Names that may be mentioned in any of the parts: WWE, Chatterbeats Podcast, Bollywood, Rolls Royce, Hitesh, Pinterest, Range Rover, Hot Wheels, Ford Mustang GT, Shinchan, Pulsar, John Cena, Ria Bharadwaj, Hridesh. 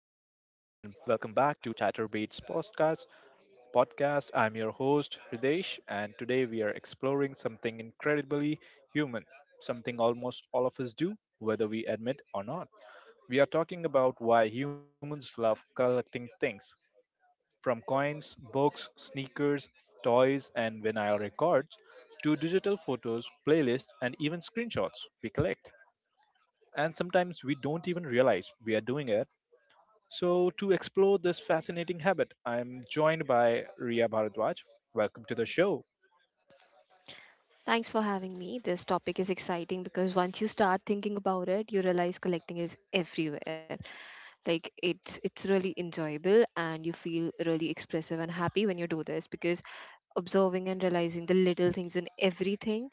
and welcome back to Chatterbeats Podcast. I'm your host Hridesh, and today we are exploring something incredibly human, something almost all of us do, whether we admit or not. We are talking about why humans love collecting things, from coins, books, sneakers, toys, and vinyl records to digital photos, playlists, and even screenshots we collect. And sometimes we don't even realize we are doing it, so, to explore this fascinating habit, I'm joined by Ria Bharadwaj. Welcome to the show. Thanks for having me. This topic is exciting because once you start thinking about it, you realize collecting is everywhere. Like it's really enjoyable and you feel really expressive and happy when you do this because observing and realizing the little things in everything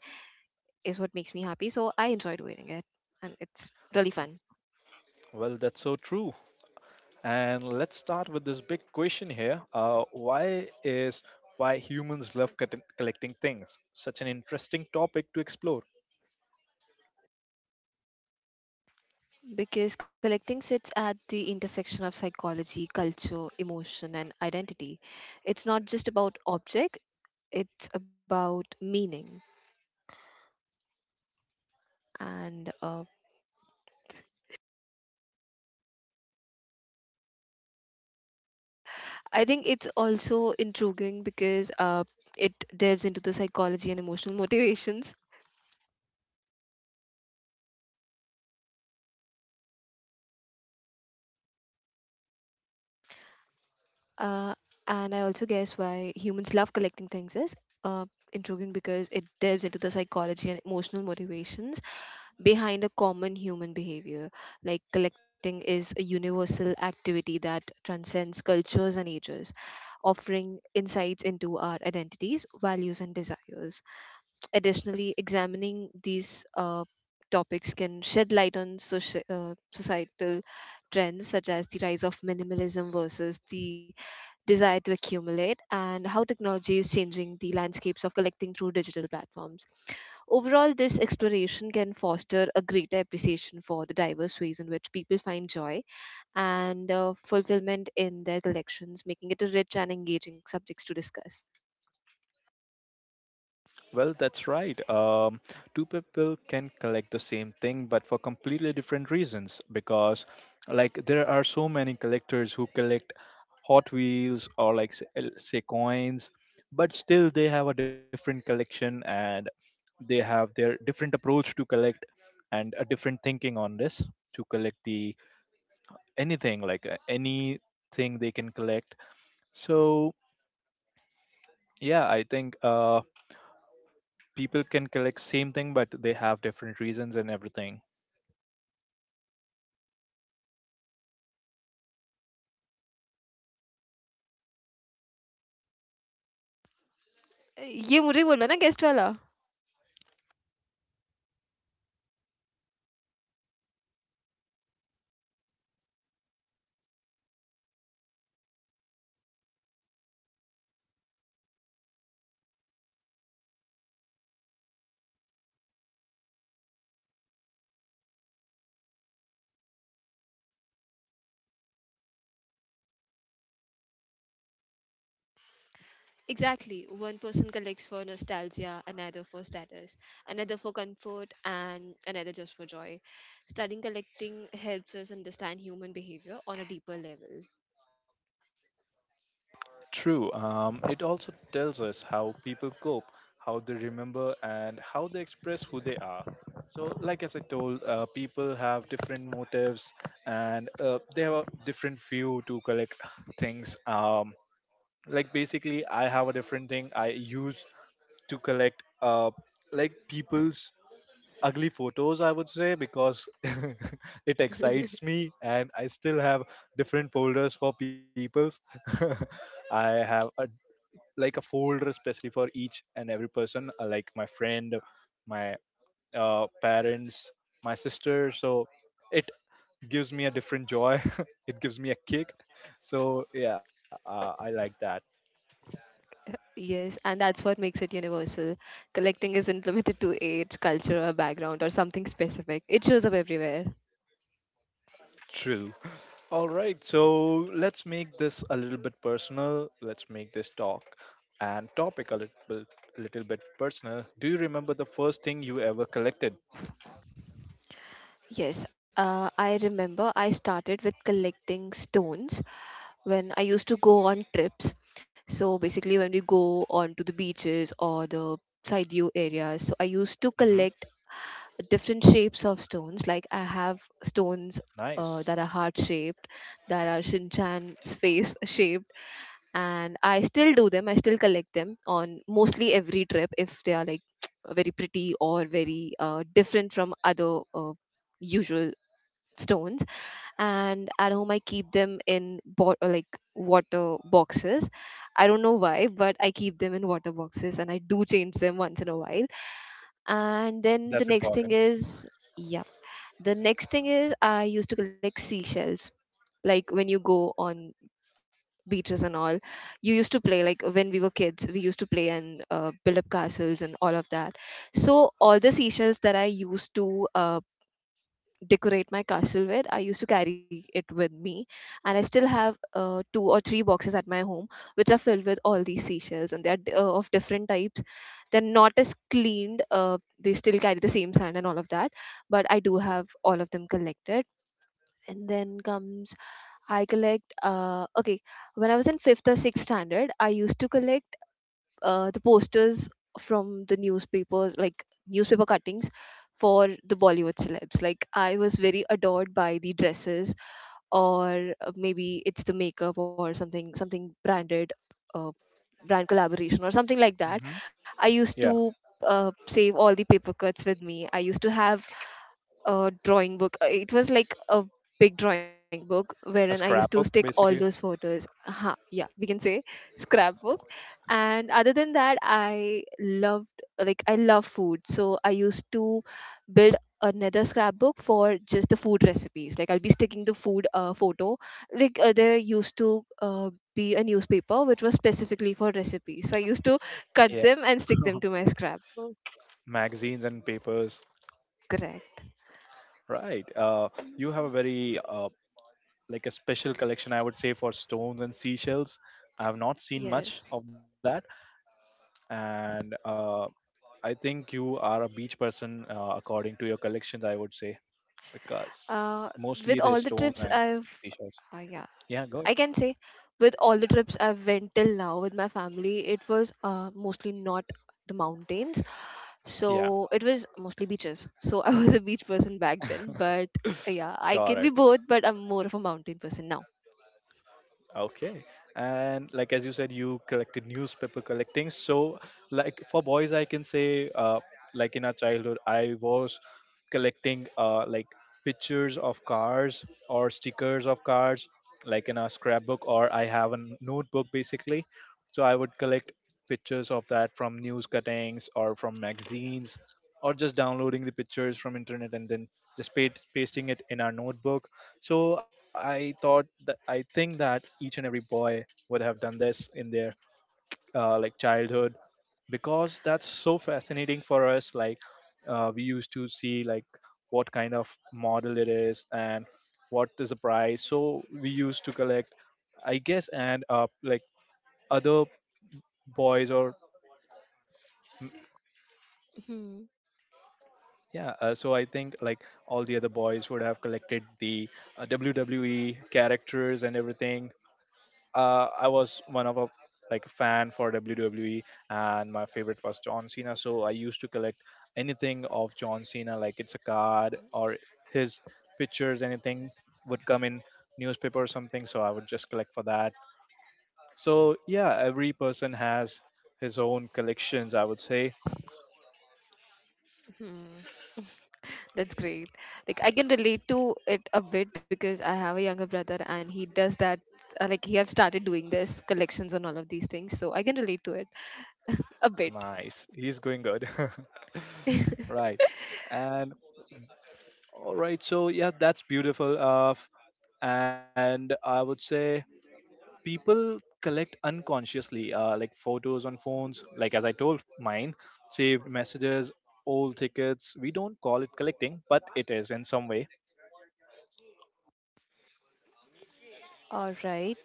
is what makes me happy. So I enjoy doing it and it's really fun. Well, that's so true. And let's start with this big question here. Why is why humans love collecting things? Such an interesting topic to explore. Because collecting sits at the intersection of psychology, culture, emotion, and identity. It's not just about object, it's about meaning and I think it's also intriguing because it delves into the psychology and emotional motivations. Uh, and I also guess why humans love collecting things is uh, intriguing because it delves into the psychology and emotional motivations behind a common human behavior. Like collecting is a universal activity that transcends cultures and ages, offering insights into our identities, values, and desires. Additionally, examining these topics can shed light on societal trends such as the rise of minimalism versus the desire to accumulate and how technology is changing the landscapes of collecting through digital platforms. Overall, this exploration can foster a greater appreciation for the diverse ways in which people find joy and fulfillment in their collections, making it a rich and engaging subjects to discuss. Well, that's right. Two people can collect the same thing, but for completely different reasons. Because, like, there are so many collectors who collect Hot Wheels or, like, say, coins, but still they have a different collection and they have their different approach to collect and a different thinking on this to collect the anything, like, anything they can collect. So, yeah, I think. People can collect same thing but they have different reasons and everything ये मुझे बोलना ना guest वाला. Exactly. One person collects for nostalgia, another for status, another for comfort, and another just for joy. Studying collecting helps us understand human behavior on a deeper level. true. It also tells us how people cope, how they remember and how they express who they are. So, like as I told, people have different motives, and they have a different view to collect things. Like basically I have a different thing I use to collect like people's ugly photos, I would say, because it excites me, and I still have different folders for people's I have a, like a folder especially for each and every person, like my friend, my parents, my sister. So it gives me a different joy. It gives me a kick. So yeah, I like that. Yes, and that's what makes it universal. Collecting isn't limited to age, culture, or background, or something specific. It shows up everywhere. True. All right, so let's make this a little bit personal. Let's make this talk and topic a little bit personal. Do you remember the first thing you ever collected? Yes, I remember I started with collecting stones when I used to go on trips. So basically, when we go on to the beaches or the side view areas, so I used to Hmm. collect different shapes of stones. Like I have stones Nice. that are heart shaped, that are Shinchan's face shaped, and I still do them. I still collect them on mostly every trip if they are like very pretty or very different from other usual stones, and at home I keep them in like water boxes. I don't know why, but I keep them in water boxes and I do change them once in a while. And then the That's next thing important. is, yeah, the next thing is I used to collect seashells. Like when you go on beaches and all, you used to play, like when we were kids we used to play and build up castles and all of that. So all the seashells that I used to decorate my castle with, I used to carry it with me. And I still have two or three boxes at my home, which are filled with all these seashells, and they're of different types. They're not as cleaned, they still carry the same sand and all of that, but I do have all of them collected. And then comes, I collect, okay, when I was in fifth or sixth standard, I used to collect the posters from the newspapers, like newspaper cuttings for the Bollywood celebs. Like I was very adored by the dresses, or maybe it's the makeup or something, something branded, uh, brand collaboration or something like that. Hmm. I used to Yeah, uh, save all the paper cuts with me. I used to have drawing book. It was like a big drawing book wherein I a used to stick scrapbook all those basically. photos. Ha, yeah, we can say scrapbook. And other than that, I loved like I love food, so I used to build another scrapbook for just the food recipes. Like I'll be sticking the food photo. Like there used to be a newspaper which was specifically for recipes, so I used to Yeah. cut them and stick them to my scrapbook. Magazines and papers, Correct. right. You have a very like a special collection, I would say, for stones and seashells. I have not seen much Yes. of that. And I think you are a beach person, according to your collections, I would say, because uh, with mostly all they're the stone trips and I've, seashells. Yeah, Yeah, I good. can say with all the trips I've went till now with my family, it was mostly not the mountains. Yeah, So it was mostly beaches. So I was a beach person back then, but yeah, I can got be it. both, but I'm more of a mountain person now. Okay. And like as you said, you collected newspaper collecting. So, like for boys, I can say, like in our childhood, I was collecting like pictures of cars or stickers of cars, like in a scrapbook, or I have a notebook basically. So I would collect pictures of that from news cuttings or from magazines, or just downloading the pictures from internet and then just pasting it in our notebook. So I thought that, I think that each and every boy would have done this in their like childhood, because that's so fascinating for us. Like, we used to see like what kind of model it is and what is the price. So we used to collect, I guess, and like other boys or Hmm, yeah. So I think like all the other boys would have collected the WWE characters and everything. I was one of a like a fan for WWE, and my favorite was John Cena. So I used to collect anything of John Cena, like it's a card or his pictures. Anything would come in newspaper or something, so I would just collect for that. So yeah, every person has his own collections, I would say. hmm. That's great. Like I can relate to it a bit because I have a younger brother and he does that. Like he have started doing this collections and all of these things, so I can relate to it a bit. Nice. He's going good. Right, and all right. So yeah, that's beautiful. And I would say people collect unconsciously, like photos on phones, like as I told, mine, saved messages, old tickets. We don't call it collecting, but it is in some way. All right.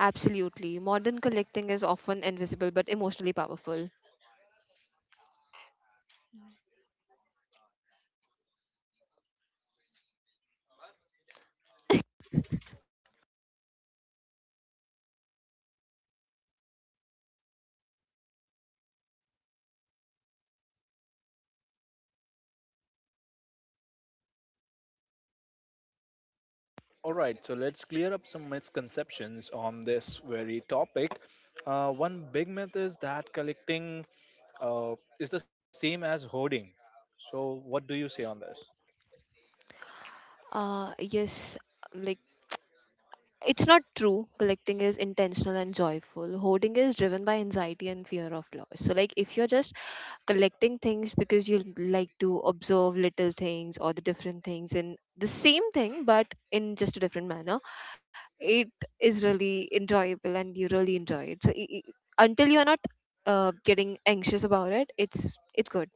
Absolutely. Modern collecting is often invisible but emotionally powerful. All right, so let's clear up some misconceptions on this very topic. One big myth is that collecting is the same as hoarding. So what do you say on this? Yes, like it's not true. Collecting is intentional and joyful. Hoarding is driven by anxiety and fear of loss. So, like, if you're just collecting things because you like to observe little things or the different things in the same thing but in just a different manner, it is really enjoyable and you really enjoy it. So, I until you're not getting anxious about it, it's good.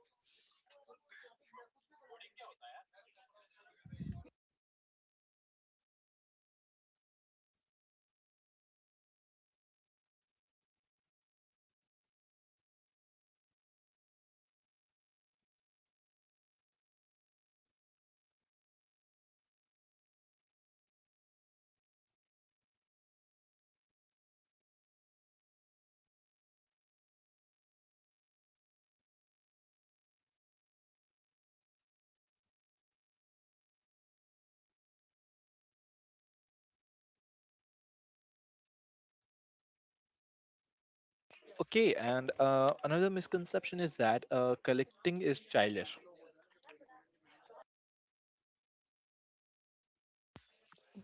Okay. And another misconception is that collecting is childish.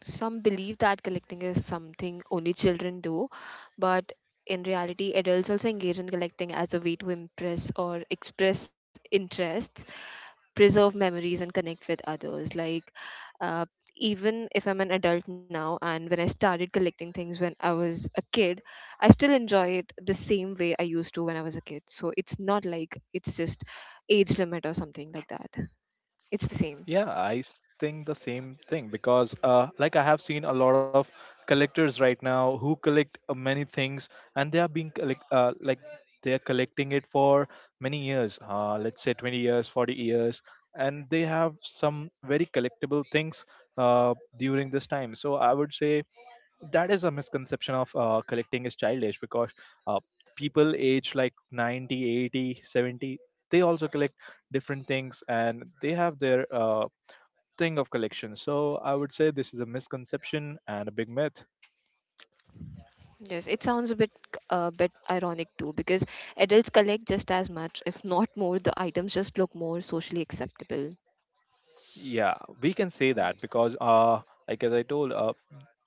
Some believe that collecting is something only children do, but in reality, adults also engage in collecting as a way to impress or express interests, preserve memories, and connect with others. Like, uh, even if I'm an adult now, and when I started collecting things when I was a kid, I still enjoy it the same way I used to when I was a kid. So it's not like it's just age limit or something like that. It's the same. Yeah, I think the same thing because, like, I have seen a lot of collectors right now who collect many things, and they are being collect like they are collecting it for many years. Let's say 20 years, 40 years, and they have some very collectible things during this time. So I would say that is a misconception of collecting is childish, because uh, people age like 90, 80, 70. They also collect different things, and they have their thing of collection. So I would say this is a misconception and a big myth. Yes, it sounds a bit ironic too because adults collect just as much, if not more. The items just look more socially acceptable. Yeah, we can say that because, like as I told, uh,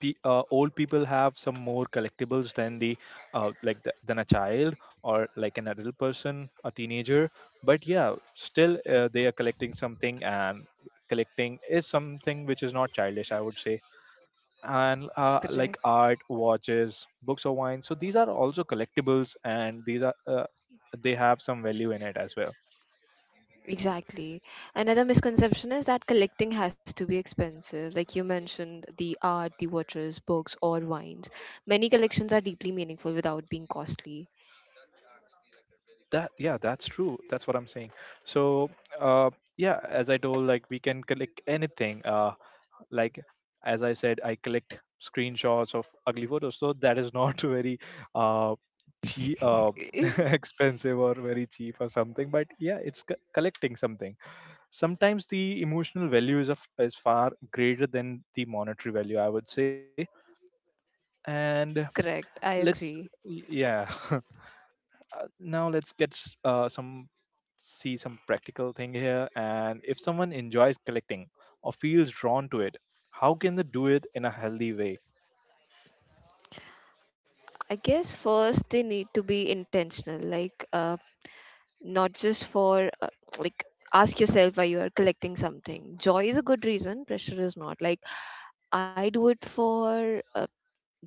pe- uh, old people have some more collectibles than the, like the, than a child or like an adult person, a teenager. But yeah, still they are collecting something, and collecting is something which is not childish, I would say. And Correct. like art, watches, books or wine. So these are also collectibles, and these are they have some value in it as well. Exactly. Another misconception is that collecting has to be expensive. Like you mentioned, the art, the watches, books, or wines. Many collections are deeply meaningful without being costly. That, yeah, that's true. That's what I'm saying. So uh yeah, as I told, like we can collect anything, like as I said, I collect screenshots of ugly photos, so that is not very uh cheap, expensive or very cheap or something, but yeah, it's collecting something. Sometimes the emotional value is, of, is far greater than the monetary value, I would say. And Correct. let's I agree. yeah. Now let's some, see some practical thing here. And if someone enjoys collecting or feels drawn to it, how can they do it in a healthy way? I guess first they need to be intentional. Not just for like ask yourself why you are collecting something. Joy is a good reason, pressure is not. Like I do it for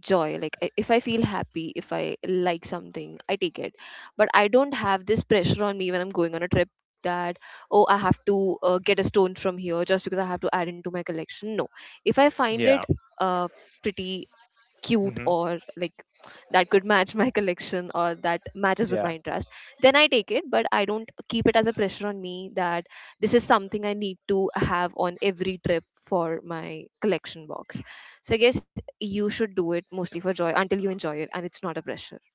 joy. Like if I feel happy, if I like something, I take it, but I don't have this pressure on me when I'm going on a trip that, oh, I have to get a stone from here just because I have to add into my collection. No, if I find it Yeah. uh, pretty, cute, Hmm. or like that could match my collection, or that matches with my Yeah. interest, then I take it. But I don't keep it as a pressure on me that this is something I need to have on every trip for my collection box. So I guess you should do it mostly for joy until you enjoy it and it's not a pressure.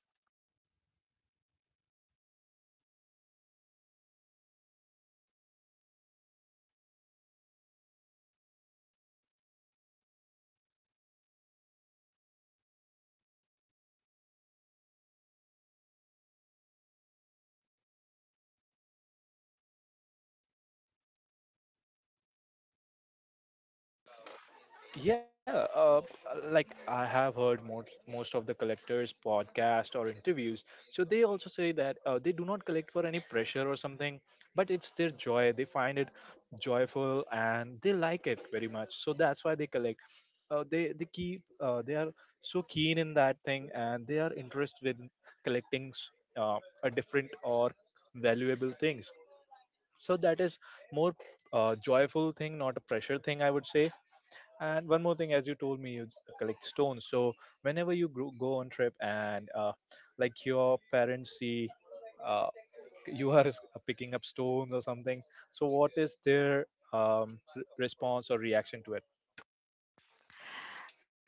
Yeah, like I have heard most of the collectors' podcast or interviews, so they also say that they do not collect for any pressure or something, but it's their joy. They find it joyful and they like it very much, so that's why they collect. They are so keen in that thing, and they are interested in collecting a different or valuable things. So that is more joyful thing, not a pressure thing, I would say. And one more thing, as you told me, you collect stones. So whenever you go on trip, and like your parents see uh, you are picking up stones or something, so what is their response or reaction to it?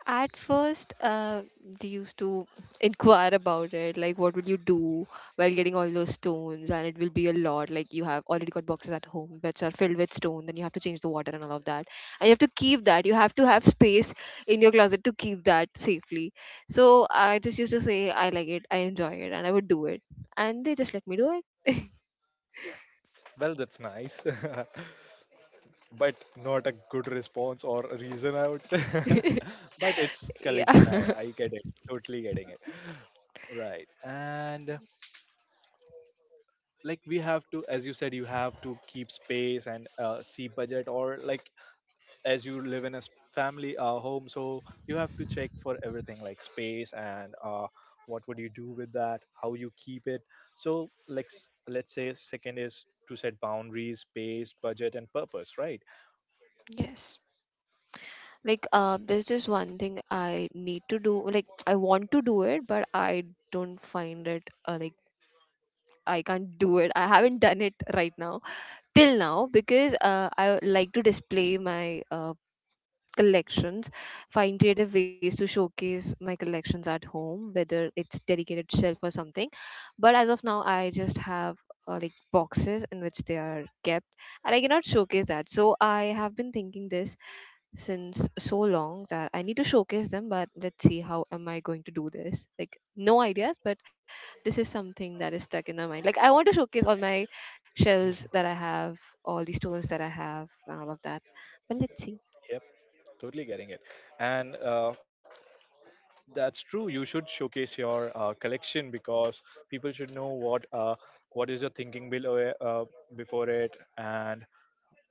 At first, they used to inquire about it, like what would you do while getting all those stones, and it will be a lot. Like you have already got boxes at home which are filled with stone, then you have to change the water and all of that, and you have to keep that. You have to have space in your closet to keep that safely. So I just used to say I like it, I enjoy it, and I would do it, and they just let me do it. Well, that's nice, but not a good response or a reason, I would say. But it's collection. I Yeah. I get it. Totally getting it. Right. And like we have to, as you said, you have to keep space and see budget, or like as you live in a family home, so you have to check for everything like space and what would you do with that, how you keep it. So let's say second is to set boundaries, space, budget, and purpose, right. Yes. Like, there's just one thing I need to do. Like, I want to do it, but I don't find it. Like, I can't do it. I haven't done it right now till now because I like to display my collections, find creative ways to showcase my collections at home, whether it's dedicated shelf or something. But as of now, I just have like boxes in which they are kept, and I cannot showcase that. So I have been thinking this since so long that I need to showcase them, but let's see how am I going to do this. Like no ideas, but this is something that is stuck in my mind. Like I want to showcase all my shells that I have, all the stones that I have and all of that. But let's see. Yep, totally getting it. And that's true, you should showcase your collection, because people should know what is your thinking below it, before it, and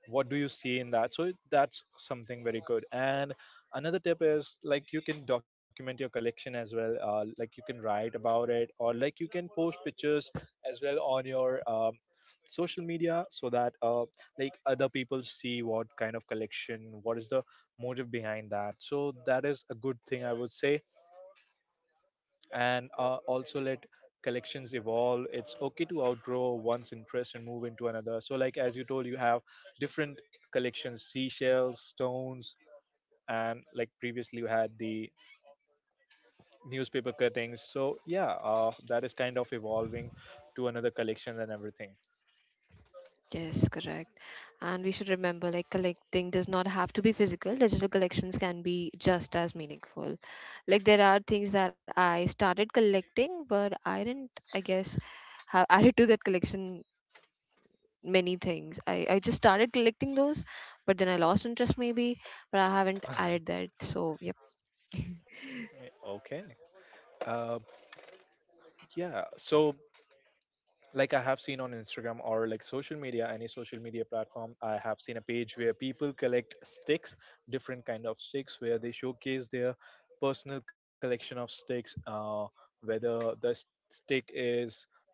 what do you see in that. So that's something very good. And another tip is, like, you can document your collection as well, like you can write about it, or like you can post pictures as well on your social media, so that like other people see what kind of collection, what is the motive behind that. So that is a good thing, I would say. And also let collections evolve. It's okay to outgrow one's interest and move into another. So like as you told, you have different collections, seashells, stones, and like previously you had the newspaper cuttings. So yeah, that is kind of evolving to another collection and everything. Yes, correct. And we should remember like collecting does not have to be physical. Digital collections can be just as meaningful. Like there are things that I started collecting, but I didn't, I guess, have added to that collection many things. I just started collecting those, but then I lost interest maybe, but I haven't added that. So, yep. Okay. uh, yeah, so like I have seen on Instagram or like social media, any social media platform, I have seen a page where people collect sticks, different kind of sticks, where they showcase their personal collection of sticks. Whether the stick is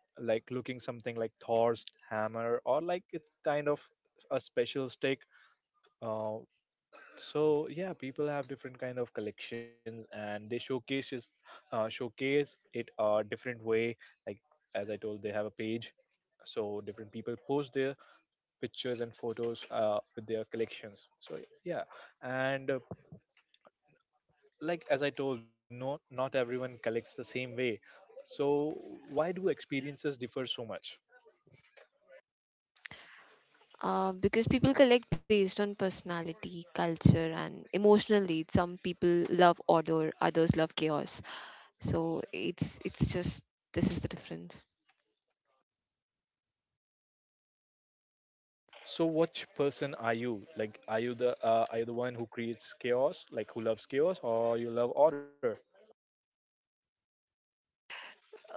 like looking something like Thor's hammer, or like it's kind of a special stick. Uh, so yeah, people have different kind of collections, and they showcase just, showcase it a different way. Like as I told, they have a page, so different people post their pictures and photos with their collections. So yeah, and like as I told, no, not everyone collects the same way. So why do experiences differ so much? Because people collect based on personality, culture, and emotional needs. Some people love order, others love chaos. So it's just this is the difference. So which person are you? Like, are you the one who creates chaos, like who loves chaos, or you love order?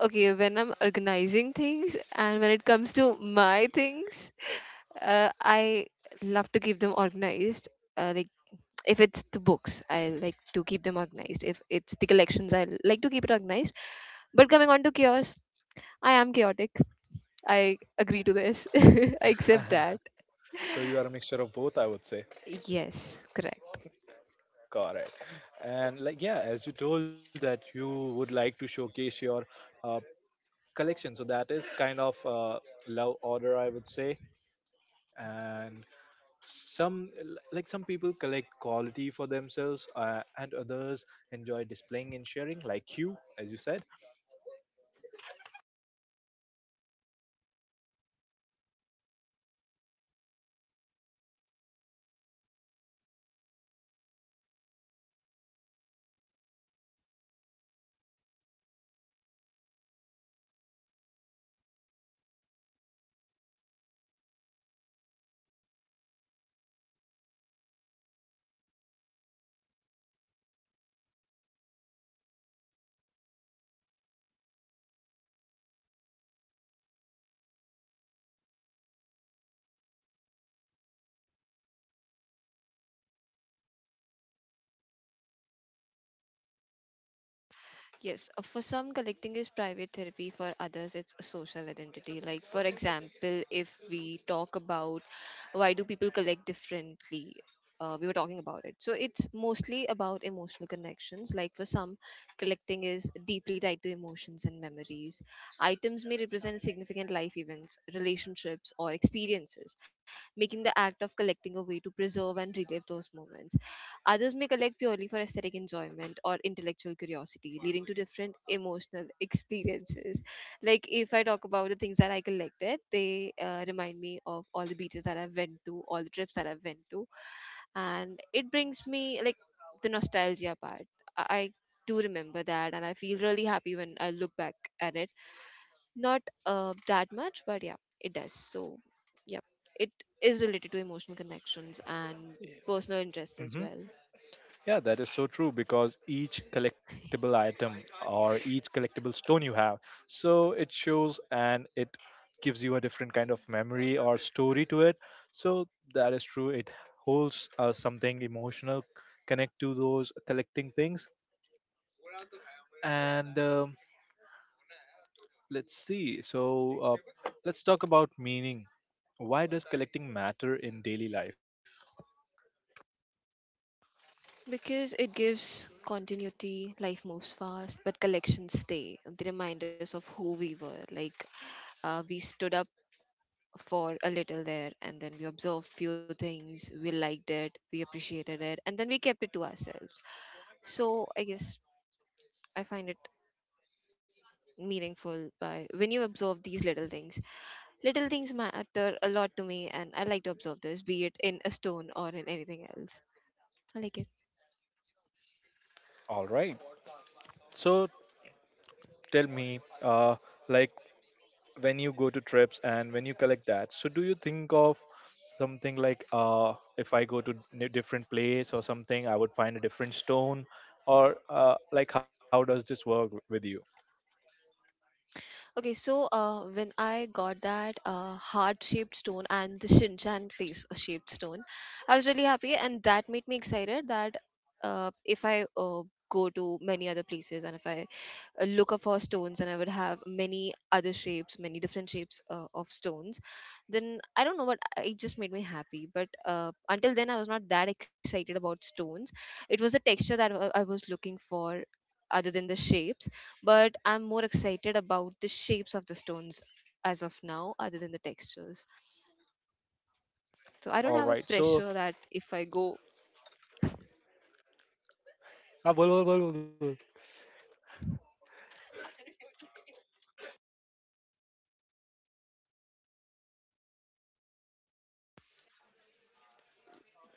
Okay, when I'm organizing things and when it comes to my things, I love to keep them organized. Like, if it's the books, I like to keep them organized. If it's the collections, I like to keep it organized. But coming on to chaos, I am chaotic. I agree to this I accept that. So you are a mixture of both, I would say. Yes, correct. Correct. And like yeah, as you told that you would like to showcase your uh, collection. So that is kind of love order, I would say. And like some people collect quality for themselves, and others enjoy displaying and sharing, like you, as you said. Yes, for some, collecting is private therapy, for others, it's a social identity. Like, for example, if we talk about why do people collect differently, we were talking about it. So, it's mostly about emotional connections. Like, for some, collecting is deeply tied to emotions and memories. Items may represent significant life events, relationships, or experiences, making the act of collecting a way to preserve and relive those moments. Others may collect purely for aesthetic enjoyment or intellectual curiosity, leading to different emotional experiences. Like if I talk about the things that I collected, they remind me of all the beaches that I've went to, all the trips that I've went to, and it brings me like the nostalgia part. I I do remember that, and I feel really happy when I look back at it. Not that much, but yeah, it does. So yeah, it is related to emotional connections and personal interests Hmm. as well. Yeah, that is so true because each collectible item or each collectible stone you have, so it shows and it gives you a different kind of memory or story to it. So that is true. It holds something emotional, connect to those collecting things. And let's see. So let's talk about meaning. Why does collecting matter in daily life? Because it gives continuity, life moves fast, but collections stay. They remind us of who we were. Like, we stood up for a little there, and then we observed few things. We liked it, we appreciated it, and then we kept it to ourselves. So I guess I find it meaningful by when you observe these little things. Little things matter a lot to me, and I like to observe this, be it in a stone or in anything else. I like it. All right. So tell me, like when you go to trips and when you collect that, so do you think of something like, if I go to different place or something, I would find a different stone, or like how does this work with you? Okay, so when I got that heart-shaped stone and the Shin Chan face-shaped stone, I was really happy, and that made me excited that if I go to many other places and if I look up for stones and I would have many other shapes, many different shapes of stones, then I don't know what it just made me happy. But until then, I was not that excited about stones. It was the texture that I was looking for other than the shapes, but I'm more excited about the shapes of the stones as of now other than the textures. So All I don't right, have a so pressure that if I go. ah, bol, bol, bol, bol, bol.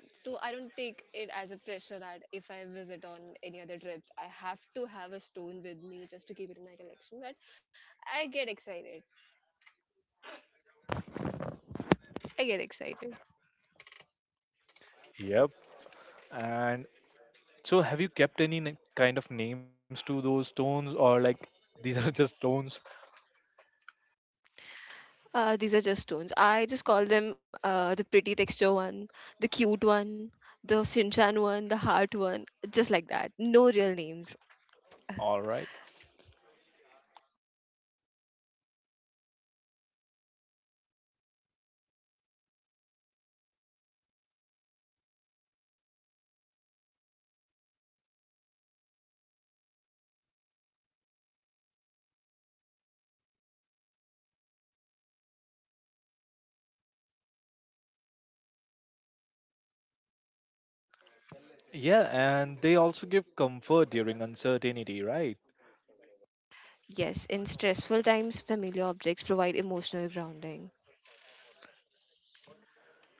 So I don't take it as a pressure that if I visit on any other trips, I have to have a stone with me just to keep it in my collection. But I get excited. I get excited. Yep. And so have you kept any kind of names to those stones, or like these are just stones? These are just stones. I just call them the pretty texture one, the cute one, the Shinchan one, the heart one, just like that. No real names. All right, yeah, and they also give comfort during uncertainty, right? Yes, in stressful times, familiar objects provide emotional grounding.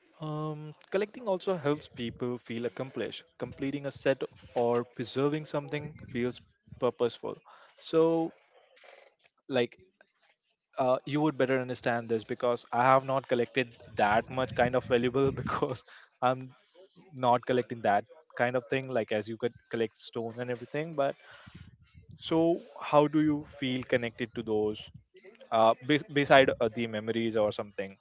Collecting also helps people feel accomplished. Completing a set or preserving something feels purposeful. So, like, you would better understand this because I have not collected that much kind of valuable because I'm not collecting that kind of thing, like as you could collect stone and everything. But so, how do you feel connected to those? Beside the memories or something.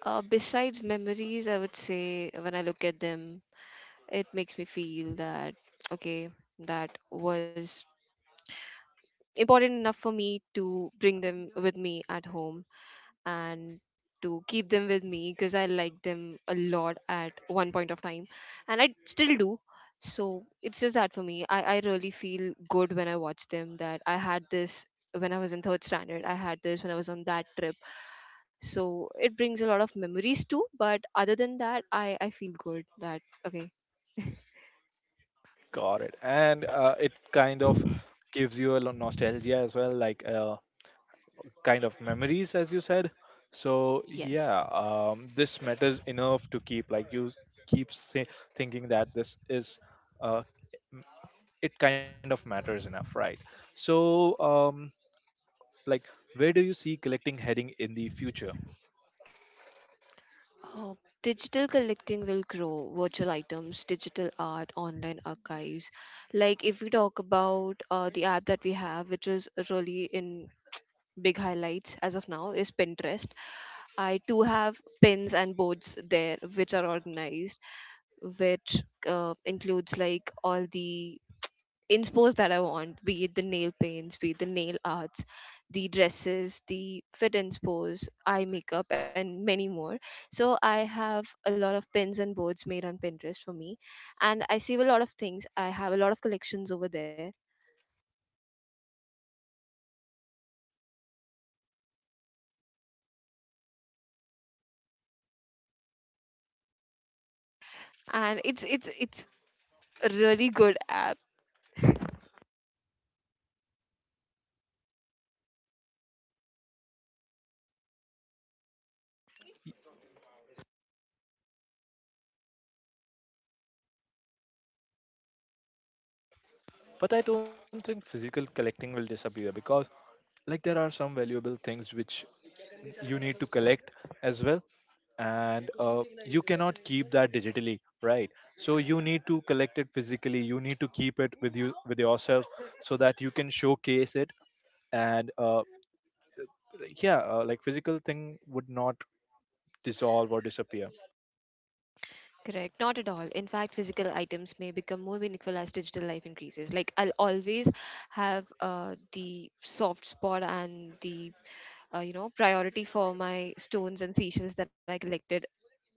Besides memories, I would say when I look at them, it makes me feel that okay, that was important enough for me to bring them with me at home and to keep them with me because I liked them a lot at one point of time, and I still do. So it's just that for me, I really feel good when I watch them, that I had this when I was in third standard, I had this when I was on that trip. So it brings a lot of memories too, but other than that, I feel good that okay. Got it. And it kind of gives you a nostalgia as well, like, kind of memories, as you said. So yeah, Yes. This matters enough to keep like keep say, thinking that this is, uh, m- it kind of matters enough, right? So like, where do you see collecting heading in the future? Uh, digital collecting will grow, virtual items, digital art, online archives. Like if we talk about the app that we have, which is really in big highlights as of now, is Pinterest. I too have pins and boards there, which are organized, which includes like all the in sports that I want, be it the nail paints, be it the nail arts, the dresses, the fit and spores, eye makeup, and many more. So I have a lot of pins and boards made on Pinterest for me, and I save a lot of things. I have a lot of collections over there, and it's a really good app. Y- But I don't think physical collecting will disappear because like there are some valuable things which you need to collect as well, and you cannot keep that digitally, right? So you need to collect it physically, you need to keep it with you, with yourself, so that you can showcase it. And yeah, like physical thing would not dissolve or disappear. Correct, not at all. In fact, physical items may become more meaningful as digital life increases. Like, I'll always have the soft spot and the, you know, priority for my stones and seashells that I collected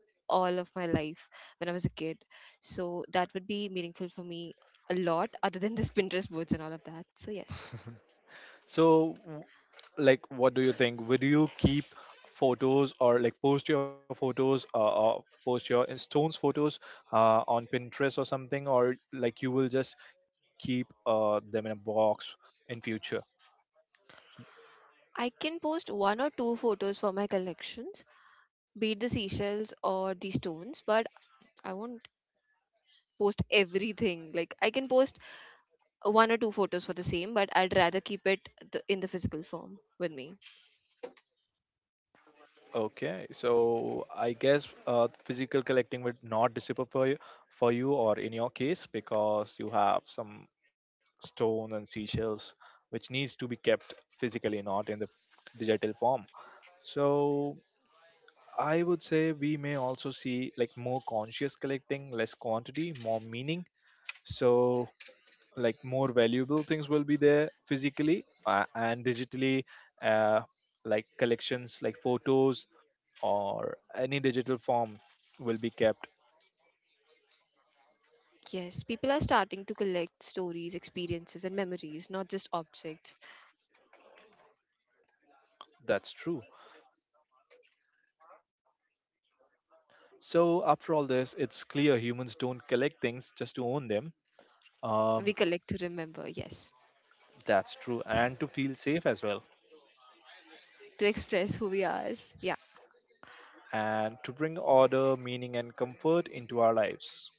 all of my life when I was a kid. So, that would be meaningful for me a lot, other than this Pinterest boards and all of that. So, yes, So like what do you think, would you keep photos, or like post your photos, or post your stones photos on Pinterest or something, or like you will just keep them in a box in future? I can post one or two photos for my collections, be it the seashells or the stones, but I won't post everything. Like I can post one or two photos for the same, but I'd rather keep it in the physical form with me. Okay, so I guess physical collecting would not disappear for you, or in your case, because you have some stone and seashells which needs to be kept physically, not in the digital form. So I would say we may also see like more conscious collecting, less quantity, more meaning. So like more valuable things will be there physically, and digitally, uh, like collections like photos or any digital form will be kept. Yes, people are starting to collect stories, experiences, and memories, not just objects. That's true. So after all this, it's clear humans don't collect things just to own them. um, We collect to remember, yes, that's true, and to feel safe as well, to express who we are. Yeah, and to bring order, meaning and comfort into our lives.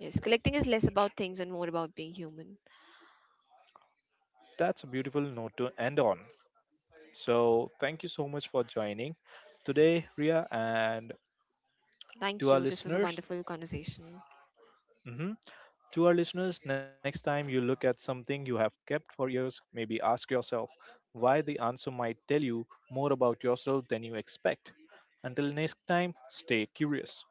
yes. Collecting is less about things and more about being human. That's a beautiful note to end on. So thank you so much for joining today, Ria, and to our Thank you. This was a listeners. wonderful conversation. mhm, To our listeners, next time you look at something you have kept for years, maybe ask yourself why. The answer might tell you more about yourself than you expect. Until next time, stay curious.